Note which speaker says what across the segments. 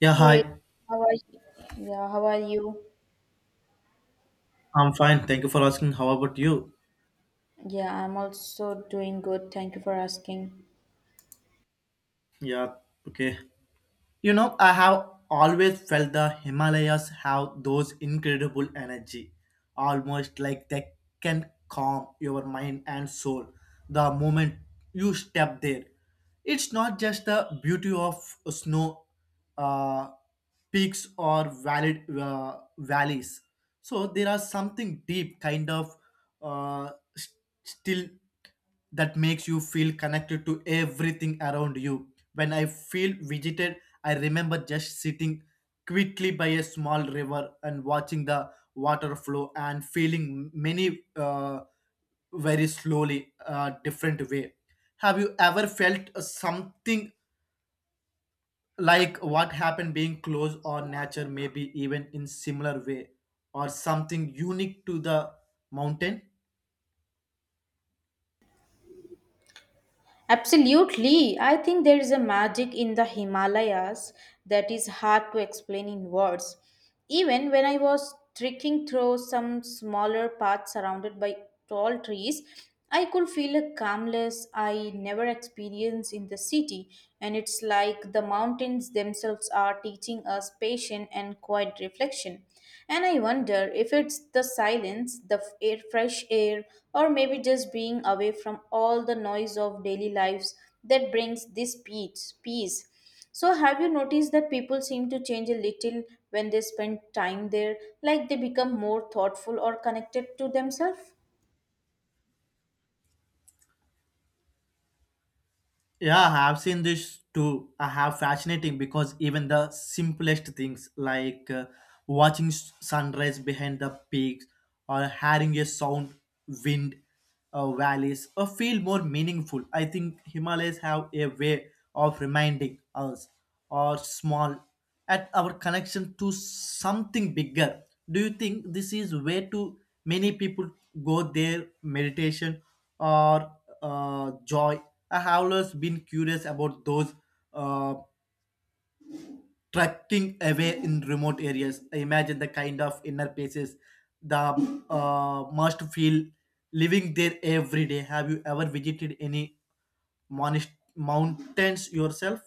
Speaker 1: Yeah,
Speaker 2: Hey,
Speaker 1: hi.
Speaker 2: how are you? Yeah, how are you?
Speaker 1: I'm fine. Thank you for asking. How about you?
Speaker 2: Yeah, I'm also doing good. Thank you for asking.
Speaker 1: Yeah, okay. You know, I have always felt the Himalayas have those incredible energy, almost like they can calm your mind and soul the moment you step there. It's not just the beauty of snow uh, peaks or valid valleys. So there are something deep, kind of. Uh, s- Still that makes you feel connected to everything around you. When I feel visited, I remember just sitting quickly by a small river and watching the water flow and feeling many very slowly, different way. Have you ever felt something like what happened being close or nature, maybe even in similar way, or something unique to the mountain?
Speaker 2: Absolutely. I think there is a magic in the Himalayas that is hard to explain in words. Even when I was trekking through some smaller paths surrounded by tall trees, I could feel a calmness I never experienced in the city, and it's like the mountains themselves are teaching us patience and quiet reflection. And I wonder if it's the silence, the air, fresh air, or maybe just being away from all the noise of daily lives that brings this peace. So, have you noticed that people seem to change a little when they spend time there, like they become more thoughtful or connected to themselves?
Speaker 1: Yeah, I have seen this too. I have fascinating because even the simplest things like watching sunrise behind the peaks or hearing a sound wind valleys feel more meaningful. I think Himalayas have a way of reminding us or small at our connection to something bigger. Do you think this is way too many people go their meditation or joy? I have always been curious about those uh, trekking away in remote areas. I imagine the kind of inner places the must feel living there every day. Have you ever visited any mountains yourself?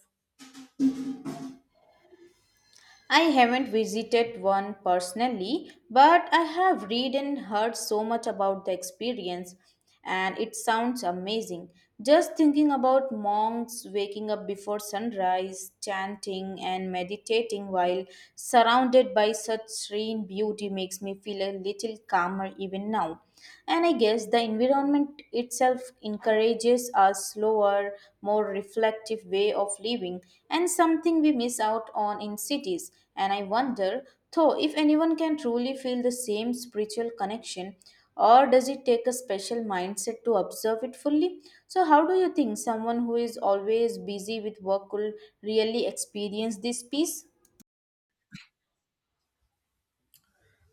Speaker 2: I haven't visited one personally, but I have read and heard so much about the experience, and it sounds amazing. Just thinking about monks waking up before sunrise, chanting and meditating while surrounded by such serene beauty makes me feel a little calmer even now. And I guess the environment food itself encourages a slower, more reflective way of living, and something we miss out on in cities. And I wonder, though, if anyone can truly feel the same spiritual connection, or does it take a special mindset to observe it fully? So, how do you think someone who is always busy with work could really experience this peace?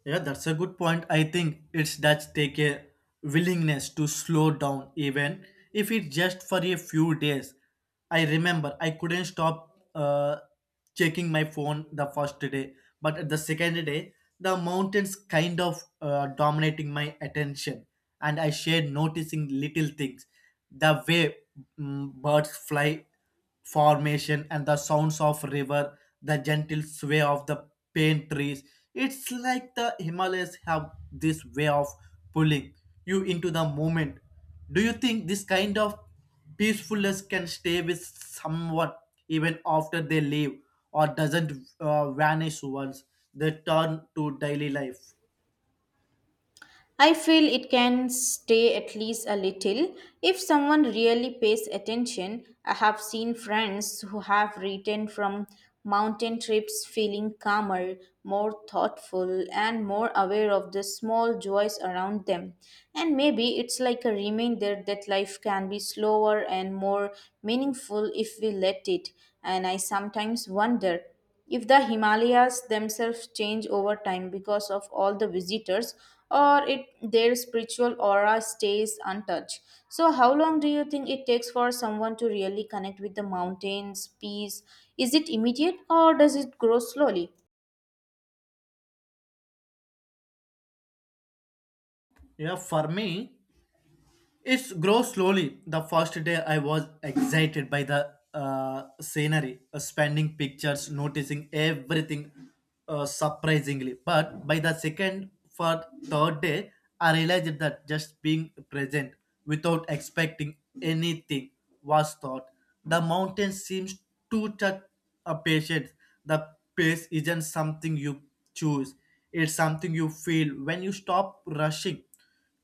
Speaker 1: Yeah, that's a good point. I think it's that take a willingness to slow down, even if it's just for a few days. I remember I couldn't stop checking my phone the first day, but at the second day, the mountains kind of dominating my attention, and I shared noticing little things, the way birds fly, formation and the sounds of river, the gentle sway of the pine trees. It's like the Himalayas have this way of pulling you into the moment. Do you think this kind of peacefulness can stay with someone even after they leave, or doesn't vanish once they turn to daily life?
Speaker 2: I feel it can stay at least a little if someone really pays attention. I have seen friends who have returned from mountain trips feeling calmer, more thoughtful, and more aware of the small joys around them. And maybe it's like a reminder that life can be slower and more meaningful if we let it. And I sometimes wonder if the Himalayas themselves change over time because of all the visitors or it their spiritual aura stays untouched. So how long do you think it takes for someone to really connect with the mountains, peace? Is it immediate or does it grow slowly?
Speaker 1: Yeah, for me it grows slowly. The first day I was excited by the scenery, spending pictures, noticing everything surprisingly. But by the second, for third day, I realized that just being present without expecting anything was thought. The mountain seems to touch a patient. The pace isn't something you choose. It's something you feel when you stop rushing.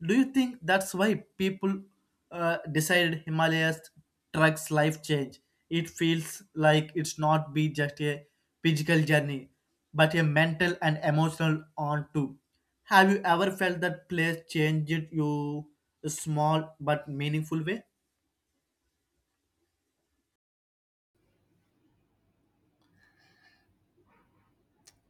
Speaker 1: Do you think that's why people decided Himalayas trucks life change? It feels like it's not be just a physical journey, but a mental and emotional one too. Have you ever felt that place changed you a small but meaningful way?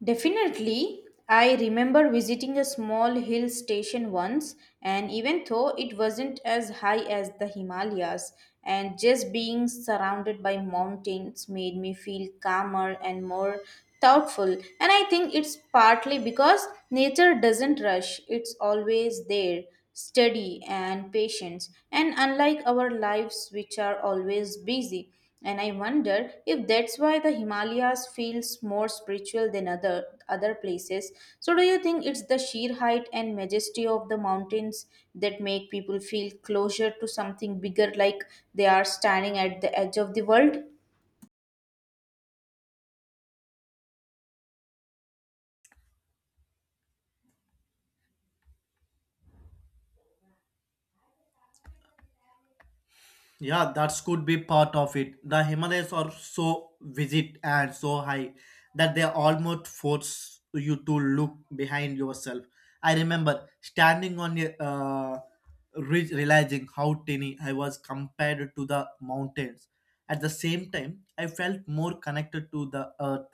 Speaker 2: Definitely. I remember visiting a small hill station once, and even though it wasn't as high as the Himalayas, and just being surrounded by mountains made me feel calmer and more thoughtful. And I think it's partly because nature doesn't rush, it's always there, steady and patient, and unlike our lives, which are always busy. And I wonder if that's why the Himalayas feels more spiritual than other places. So do you think it's the sheer height and majesty of the mountains that make people feel closer to something bigger like they are standing at the edge of the world?
Speaker 1: Yeah, that could be part of it. The Himalayas are so vivid and so high that they almost force you to look behind yourself. I remember standing on a ridge, realizing how tiny I was compared to the mountains. At the same time, I felt more connected to the earth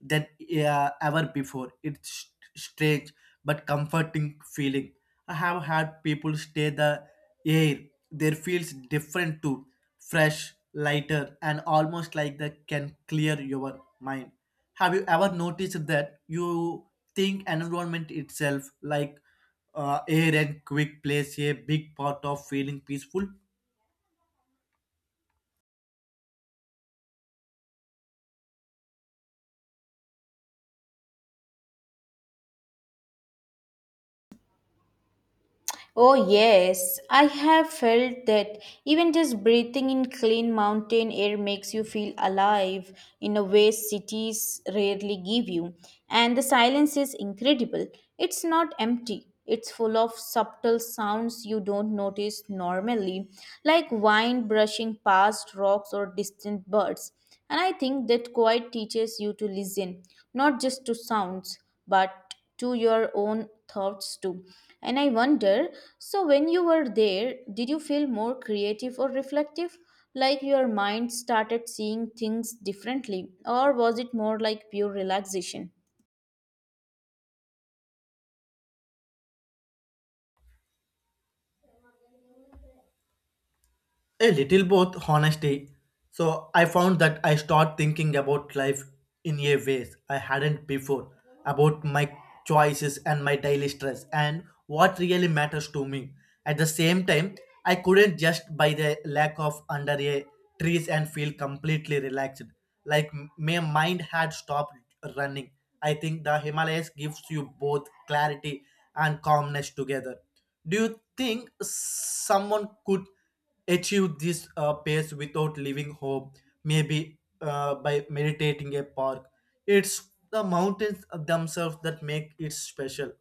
Speaker 1: than ever before. It's strange but comforting feeling. I have had people stay the air. There feels different too, fresh, lighter, and almost like they can clear your mind. Have you ever noticed that you think environment itself, like air and quick, plays a big part of feeling peaceful?
Speaker 2: Oh, yes, I have felt that even just breathing in clean mountain air makes you feel alive in a way cities rarely give you. And the silence is incredible. It's not empty, it's full of subtle sounds you don't notice normally, like wind brushing past rocks or distant birds. And I think that quiet teaches you to listen, not just to sounds, but to your own thoughts too. And I wonder so, when you were there, did you feel more creative or reflective? Like your mind started seeing things differently? Or was it more like pure relaxation?
Speaker 1: A little both, honestly. So I found that I start thinking about life in a ways I hadn't before, about my choices and my daily stress and what really matters to me. At the same time, I couldn't just by the lack of under a trees and feel completely relaxed. Like my mind had stopped running. I think the Himalayas gives you both clarity and calmness together. Do you think someone could achieve this pace without leaving home, maybe by meditating a park? It's the mountains themselves that make it special.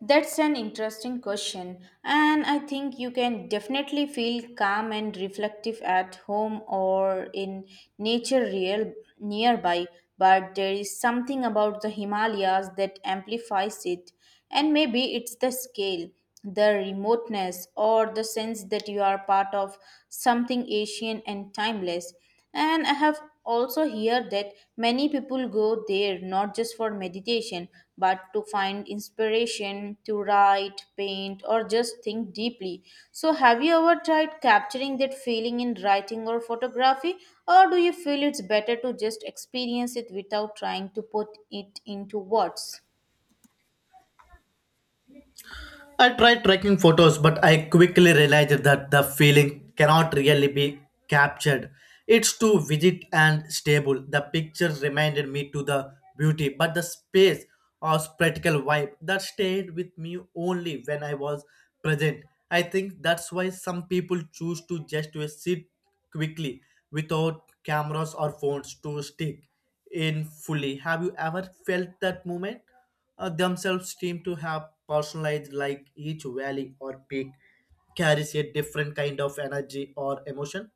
Speaker 2: That's an interesting question, and I think you can definitely feel calm and reflective at home or in nature real nearby, but there is something about the Himalayas that amplifies it, and maybe it's the scale, the remoteness, or the sense that you are part of something ancient and timeless. And I have also hear that many people go there not just for meditation but to find inspiration, to write, paint, or just think deeply. So, have you ever tried capturing that feeling in writing or photography, or do you feel it's better to just experience it without trying to put it into words?
Speaker 1: I tried tracking photos, but I quickly realized that the feeling cannot really be captured. It's too rigid and stable. The pictures reminded me to the beauty, but the space or practical vibe that stayed with me only when I was present. I think that's why some people choose to just to sit quickly without cameras or phones to stick in fully. Have you ever felt that moment? Themselves seem to have personalized, like each valley or peak carries a different kind of energy or emotion.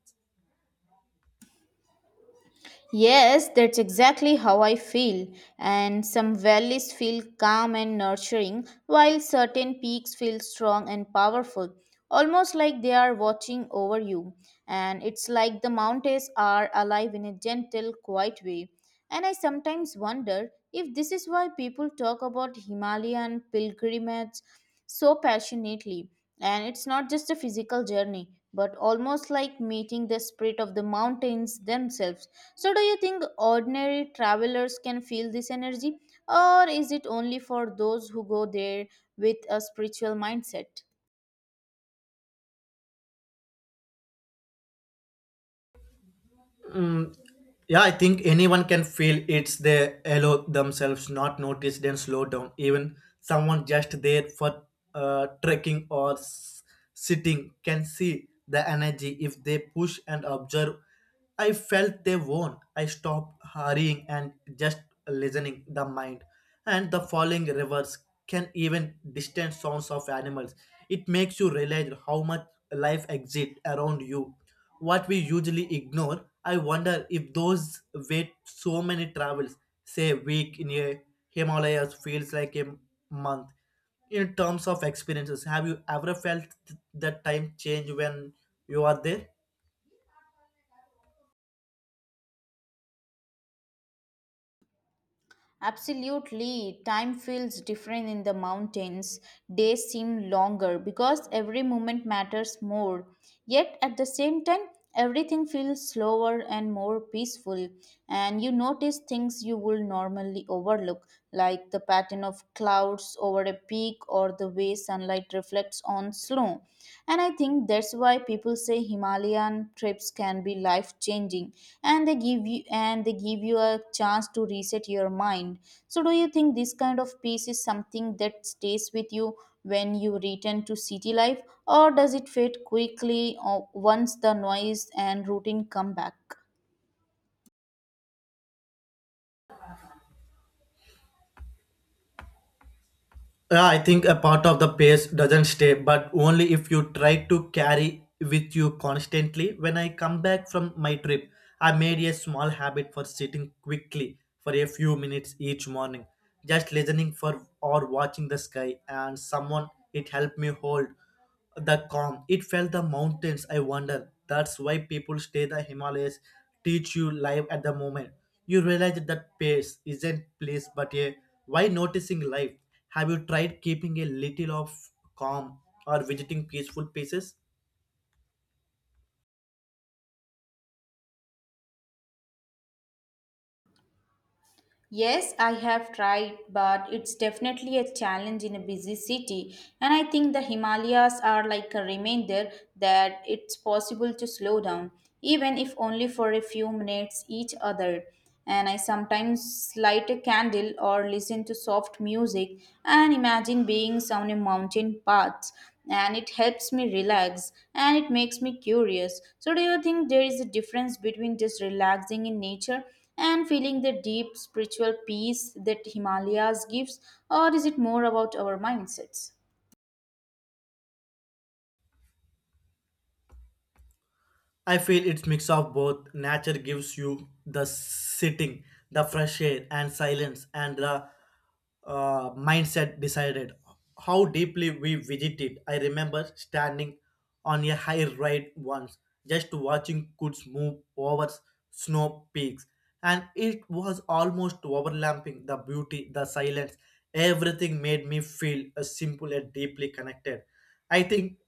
Speaker 2: Yes, that's exactly how I feel. And some valleys feel calm and nurturing, while certain peaks feel strong and powerful, almost like they are watching over you. And it's like the mountains are alive in a gentle, quiet way. And I sometimes wonder if this is why people talk about Himalayan pilgrimage so passionately. And it's not just a physical journey, but almost like meeting the spirit of the mountains themselves. So, do you think ordinary travelers can feel this energy, or is it only for those who go there with a spiritual mindset?
Speaker 1: Mm, Yeah, I think anyone can feel it's they allow themselves not notice then slow down. Even someone just there for trekking or sitting can see the energy if they push and observe. I felt they won. I stopped hurrying and just listening the mind. And the falling rivers can even distant sounds of animals. It makes you realize how much life exists around you what we usually ignore. I wonder if those wait so many travels, say a week in a Himalayas feels like a month. In terms of experiences, have you ever felt that time change when you are there?
Speaker 2: Absolutely, time feels different in the mountains. Days seem longer because every moment matters more. Yet at the same time, everything feels slower and more peaceful, and you notice things you would normally overlook, like the pattern of clouds over a peak or the way sunlight reflects on snow. And I think that's why people say Himalayan trips can be life changing and they give you a chance to reset your mind. So do you think this kind of peace is something that stays with you when you return to city life or does it fade quickly or once the noise and routine come back?
Speaker 1: Yeah, I think a part of the pace doesn't stay, but only if you try to carry with you constantly. When I come back from my trip, I made a small habit for sitting quickly for a few minutes each morning, just listening for or watching the sky and someone it helped me hold the calm. It felt the mountains. I wonder. That's why people stay the Himalayas, teach you life at the moment. You realize that pace isn't place, but a why noticing life. Have you tried keeping a little of calm or visiting peaceful places?
Speaker 2: Yes, I have tried, but it's definitely a challenge in a busy city. And I think the Himalayas are like a reminder that it's possible to slow down, even if only for a few minutes each other. And I sometimes light a candle or listen to soft music and imagine being on a mountain path. And it helps me relax and it makes me curious. So, do you think there is a difference between just relaxing in nature and feeling the deep spiritual peace that Himalayas gives, or is it more about our mindsets?
Speaker 1: I feel it's mix of both. Nature gives you the sitting, the fresh air and silence, and the mindset decided how deeply we visited. I remember standing on a high ride once, just watching clouds move over snow peaks, and it was almost overlapping the beauty, the silence. Everything made me feel simple and deeply connected. I think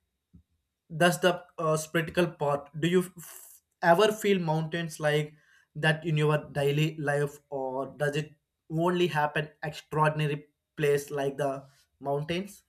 Speaker 1: that's the spiritual part. Do you ever feel mountains like that in your daily life, or does it only happen extraordinary place like the mountains?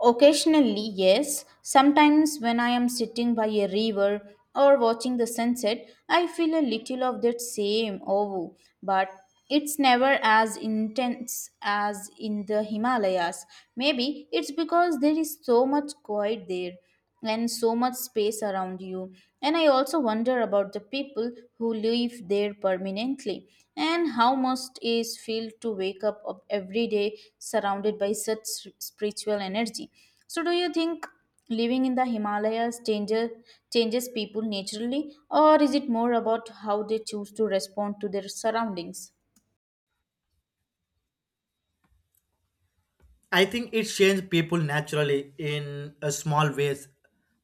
Speaker 2: Occasionally, yes. Sometimes, when I am sitting by a river or watching the sunset, I feel a little of that same awe, but it's never as intense as in the Himalayas. Maybe it's because there is so much quiet there and so much space around you. And I also wonder about the people who live there permanently and how must is feel to wake up every day surrounded by such spiritual energy. So, do you think living in the Himalayas changes people naturally, or is it more about how they choose to respond to their surroundings?
Speaker 1: I think it changed people naturally in a small ways.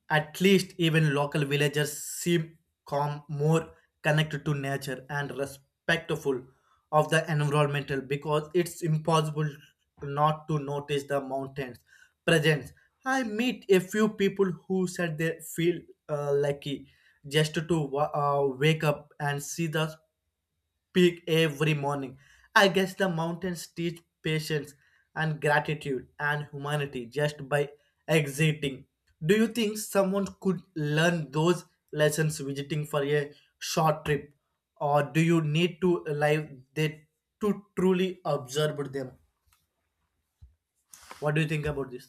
Speaker 1: At least even local villagers seem calm, more connected to nature and respectful of the environmental because it's impossible not to notice the mountains presence. I meet a few people who said they feel lucky just to wake up and see the peak every morning. I guess the mountains teach patience and gratitude and humanity just by exiting. Do you think someone could learn those lessons visiting for a short trip, or do you need to live they to truly observe them? What do you think about this?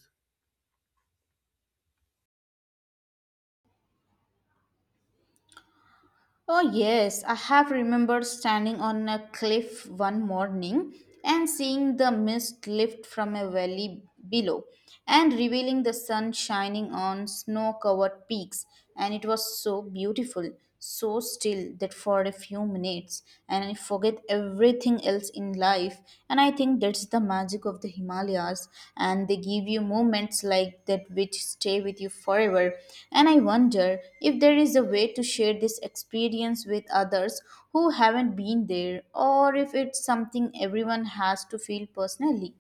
Speaker 2: Oh, yes, I have remembered standing on a cliff one morning and seeing the mist lift from a valley below and revealing the sun shining on snow covered peaks. And it was so beautiful, so still that for a few minutes, and I forget everything else in life. And I think that's the magic of the Himalayas. And they give you moments like that which stay with you forever. And I wonder if there is a way to share this experience with others who haven't been there, or if it's something everyone has to feel personally.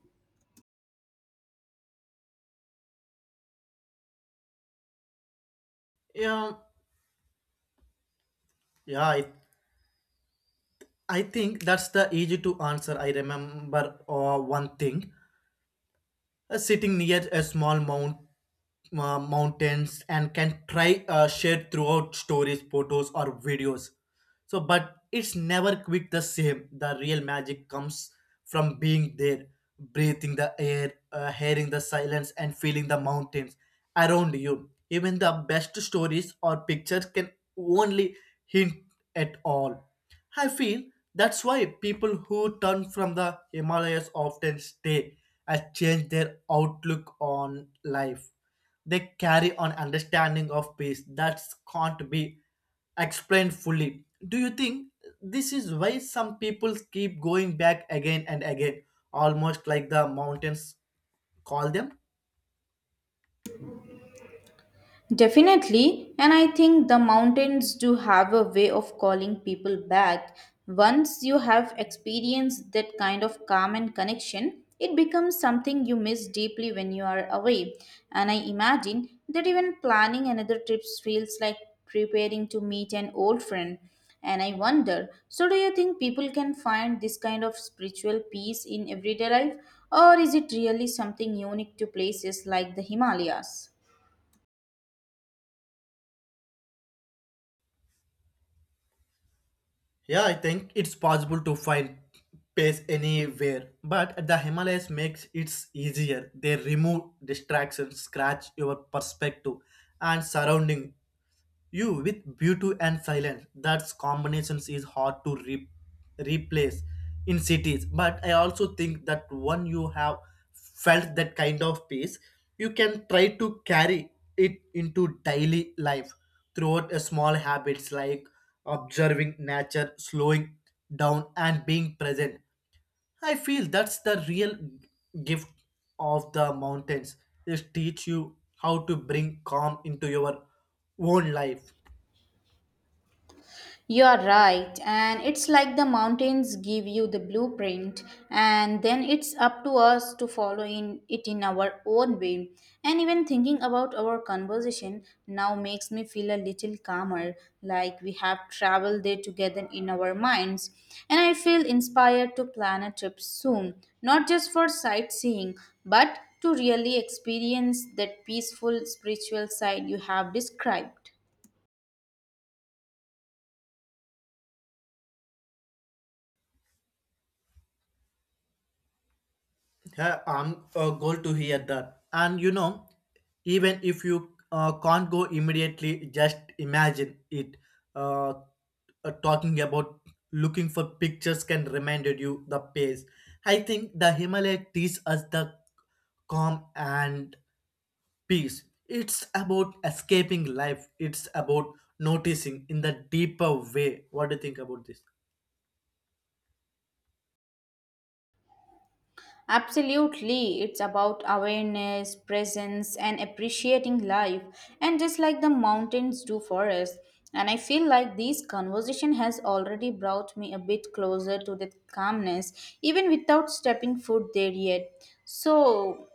Speaker 1: Yeah, yeah, I think that's the easy to answer. I remember one thing sitting near a small mount, mountains and can try share throughout stories, photos, or videos so, but it's never quite the same. The real magic comes from being there, breathing the air, hearing the silence and feeling the mountains around you. Even the best stories or pictures can only hint at all. I feel that's why people who turn from the Himalayas often stay and change their outlook on life. They carry an understanding of peace that can't be explained fully. Do you think this is why some people keep going back again and again, almost like the mountains call them?
Speaker 2: Definitely, and I think the mountains do have a way of calling people back. Once you have experienced that kind of calm and connection, it becomes something you miss deeply when you are away. And I imagine that even planning another trip feels like preparing to meet an old friend. And I wonder so, do you think people can find this kind of spiritual peace in everyday life, or is it really something unique to places like the Himalayas?
Speaker 1: Yeah, I think it's possible to find pace anywhere, but the Himalayas makes it easier. They remove distractions, scratch your perspective and surrounding you with beauty and silence. That's combinations is hard to replace in cities. But I also think that when you have felt that kind of peace, you can try to carry it into daily life throughout a small habits like observing nature, slowing down, and being present. I feel that's the real gift of the mountains. They teach you how to bring calm into your own life.
Speaker 2: You are right, and it's like the mountains give you the blueprint, and then it's up to us to follow in it in our own way. And even thinking about our conversation now makes me feel a little calmer, like we have traveled there together in our minds. And I feel inspired to plan a trip soon, not just for sightseeing, but to really experience that peaceful spiritual side you have described.
Speaker 1: I'm glad to hear that. And you know, even if you can't go immediately, just imagine it. Uh, Talking about looking for pictures can remind you the pace. I think the Himalaya teaches us the calm and peace. It's about escaping life. It's about noticing in the deeper way. What do you think about this?
Speaker 2: Absolutely, it's about awareness, presence, and appreciating life, and just like the mountains do for us. And I feel like this conversation has already brought me a bit closer to that calmness, even without stepping foot there yet. So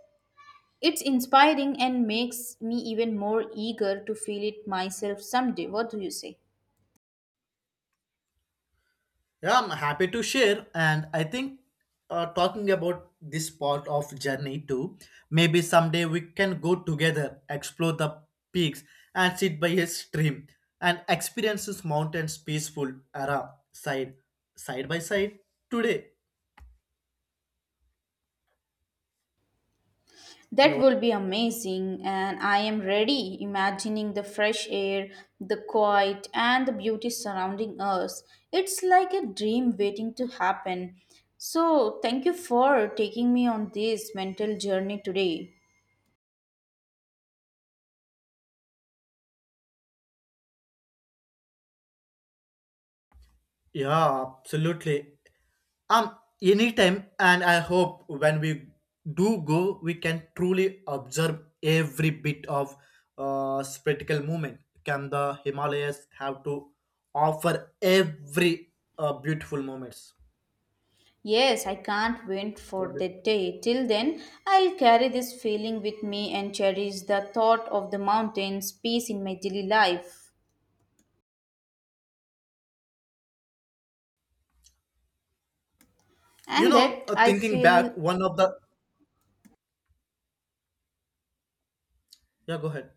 Speaker 2: it's inspiring and makes me even more eager to feel it myself someday. What do you say?
Speaker 1: Yeah, I'm happy to share, and I think talking about this part of journey too. Maybe someday we can go together, explore the peaks, and sit by a stream, and experience this mountains peaceful era side side by side today.
Speaker 2: That will be amazing, and I am ready imagining the fresh air, the quiet, and the beauty surrounding us. It's like a dream waiting to happen. So, thank you for taking me on this mental journey today.
Speaker 1: Yeah, absolutely. Um, Anytime, and I hope when we do go, we can truly observe every bit of spectacle movement. Can the Himalayas have to offer every beautiful moments?
Speaker 2: Yes, I can't wait
Speaker 1: So,
Speaker 2: for that day. Till then, I'll carry this feeling with me and cherish the thought of the mountains, peace in my daily life.
Speaker 1: you
Speaker 2: And
Speaker 1: know,
Speaker 2: that I
Speaker 1: thinking
Speaker 2: feel.
Speaker 1: back, one of the yeah, go ahead.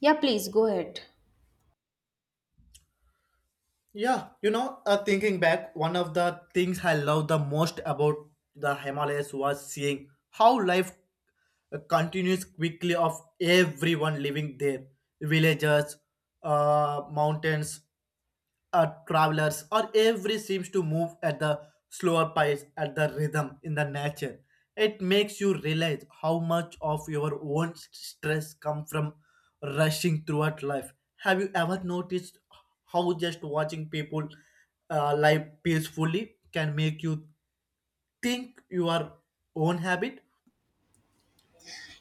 Speaker 2: Yeah, please go ahead.
Speaker 1: Yeah, you know, thinking back, one of the things I loved the most about the Himalayas was seeing how life continues quickly of everyone living there. Villages, mountains, travelers or every seems to move at the slower pace at the rhythm in the nature. It makes you realize how much of your own stress come from rushing throughout life. Have you ever noticed how just watching people live peacefully can make you think your own habit?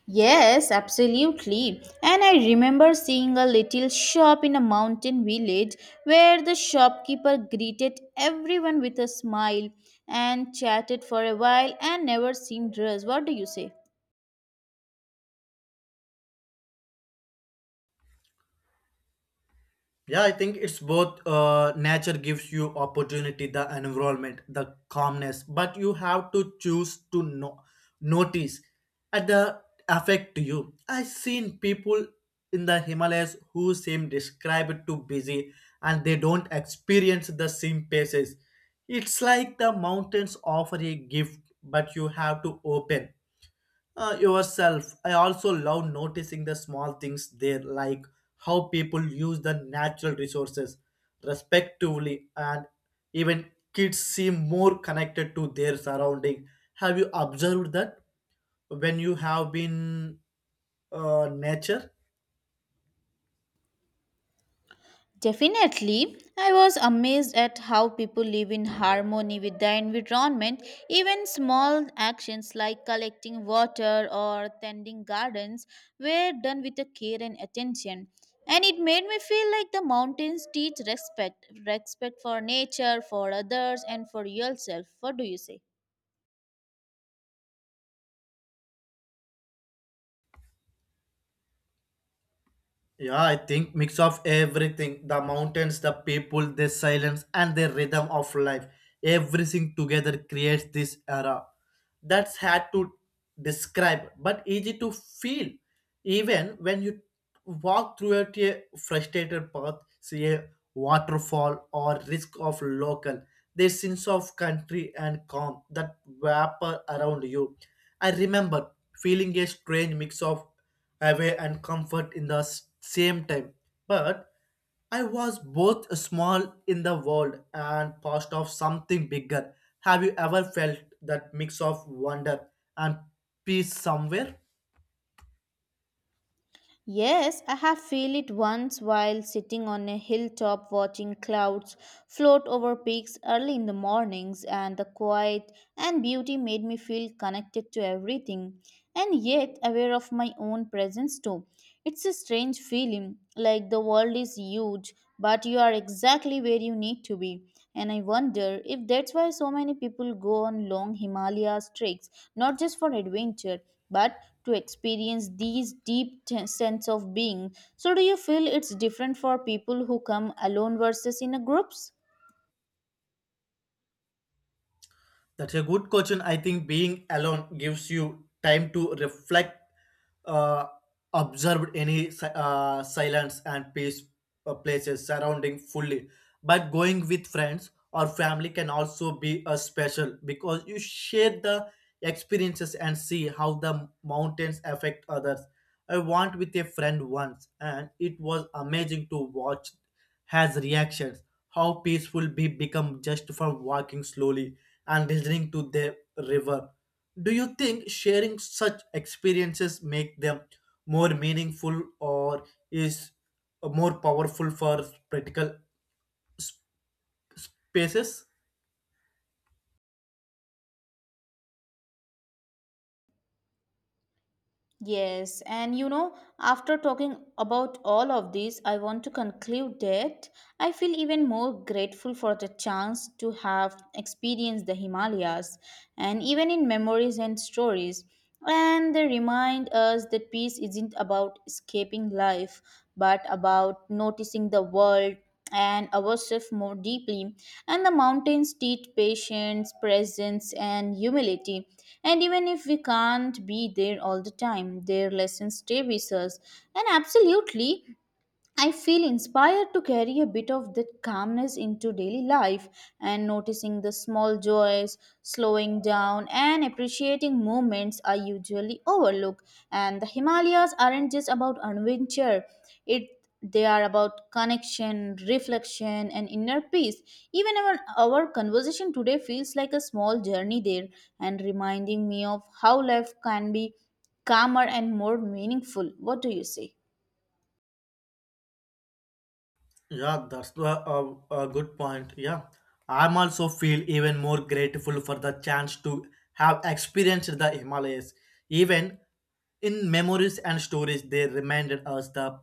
Speaker 2: Yes, absolutely. And I remember seeing a little shop in a mountain village where the shopkeeper greeted everyone with a smile and chatted for a while and never seemed dressed. What do you say?
Speaker 1: Yeah, I think it's both. Nature gives you opportunity, the environment, the calmness, but you have to choose to notice at the affect you. I've seen people in the Himalayas who seem described to busy and they don't experience the same paces. It's like the mountains offer a gift, but you have to open yourself. I also love noticing the small things there, like how people use the natural resources respectively, and even kids seem more connected to their surrounding. Have you observed that when you have been nature?
Speaker 2: Definitely, I was amazed at how people live in harmony with their environment. Even small actions like collecting water or tending gardens were done with a care and attention. And it made me feel like the mountains teach respect for nature, for others, and for yourself. What do you say?
Speaker 1: Yeah, I think mix of everything. The mountains, the people, the silence, and the rhythm of life. Everything together creates this era. That's hard to describe, but easy to feel. Even when you walk through it a frustrated path, see a waterfall or risk of local, the sense of country and calm that wrapper around you. I remember feeling a strange mix of away and comfort in the same time. But I was both small in the world and part of something bigger. Have you ever felt that mix of wonder and peace somewhere?
Speaker 2: Yes, I have feel it once while sitting on a hilltop watching clouds float over peaks early in the mornings and the quiet and beauty made me feel connected to everything and yet aware of my own presence too. It's a strange feeling like the world is huge but you are exactly where you need to be, and I wonder if that's why so many people go on long Himalaya treks not just for adventure but to experience these deep sense of being. So do you feel it's different for people who come alone versus in a groups?
Speaker 1: That's a good question. I think being alone gives you time to reflect, uh, observe any silence and peace places surrounding fully. But going with friends or family can also be a special because you share the experiences and see how the mountains affect others. I went with a friend once, and it was amazing to watch has reactions. How peaceful we become just from walking slowly and listening to the river. Do you think sharing such experiences make them more meaningful or is more powerful for practical pieces?
Speaker 2: Yes, and you know, after talking about all of this, I want to conclude that I feel even more grateful for the chance to have experienced the Himalayas and even in memories and stories. And they remind us that peace isn't about escaping life, but about noticing the world and ourselves more deeply. And the mountains teach patience, presence, and humility. And even if we can't be there all the time, their lessons stay with us. And absolutely, I feel inspired to carry a bit of that calmness into daily life and noticing the small joys, slowing down, and appreciating moments I usually overlook. And the Himalayas aren't just about adventure, it they are about connection, reflection, and inner peace. Even our conversation today feels like a small journey there and reminding me of how life can be calmer and more meaningful. What do you say?
Speaker 1: Yeah, that's the, a good point. Yeah, I'm also feel even more grateful for the chance to have experienced the Himalayas. Even in memories and stories, they reminded us the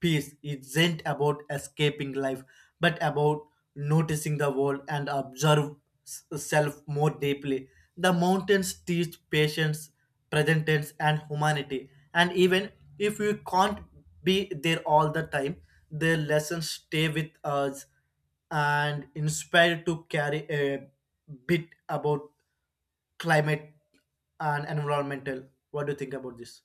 Speaker 1: peace isn't about escaping life, but about noticing the world and observe self more deeply. The mountains teach patience, present tense, and humanity. And even if we can't be there all the time, their lessons stay with us and inspire to carry a bit about climate and environmental. What do you think about this?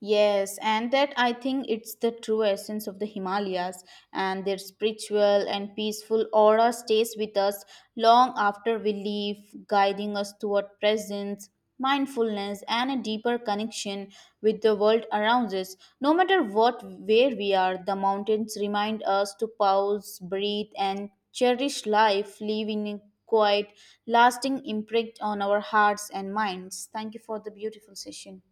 Speaker 2: Yes, and that I think it's the true essence of the Himalayas, and their spiritual and peaceful aura stays with us long after we leave, guiding us toward presence, mindfulness, and a deeper connection with the world around us. No matter what, where we are, the mountains remind us to pause, breathe, and cherish life, leaving a quiet, lasting imprint on our hearts and minds. Thank you for the beautiful session.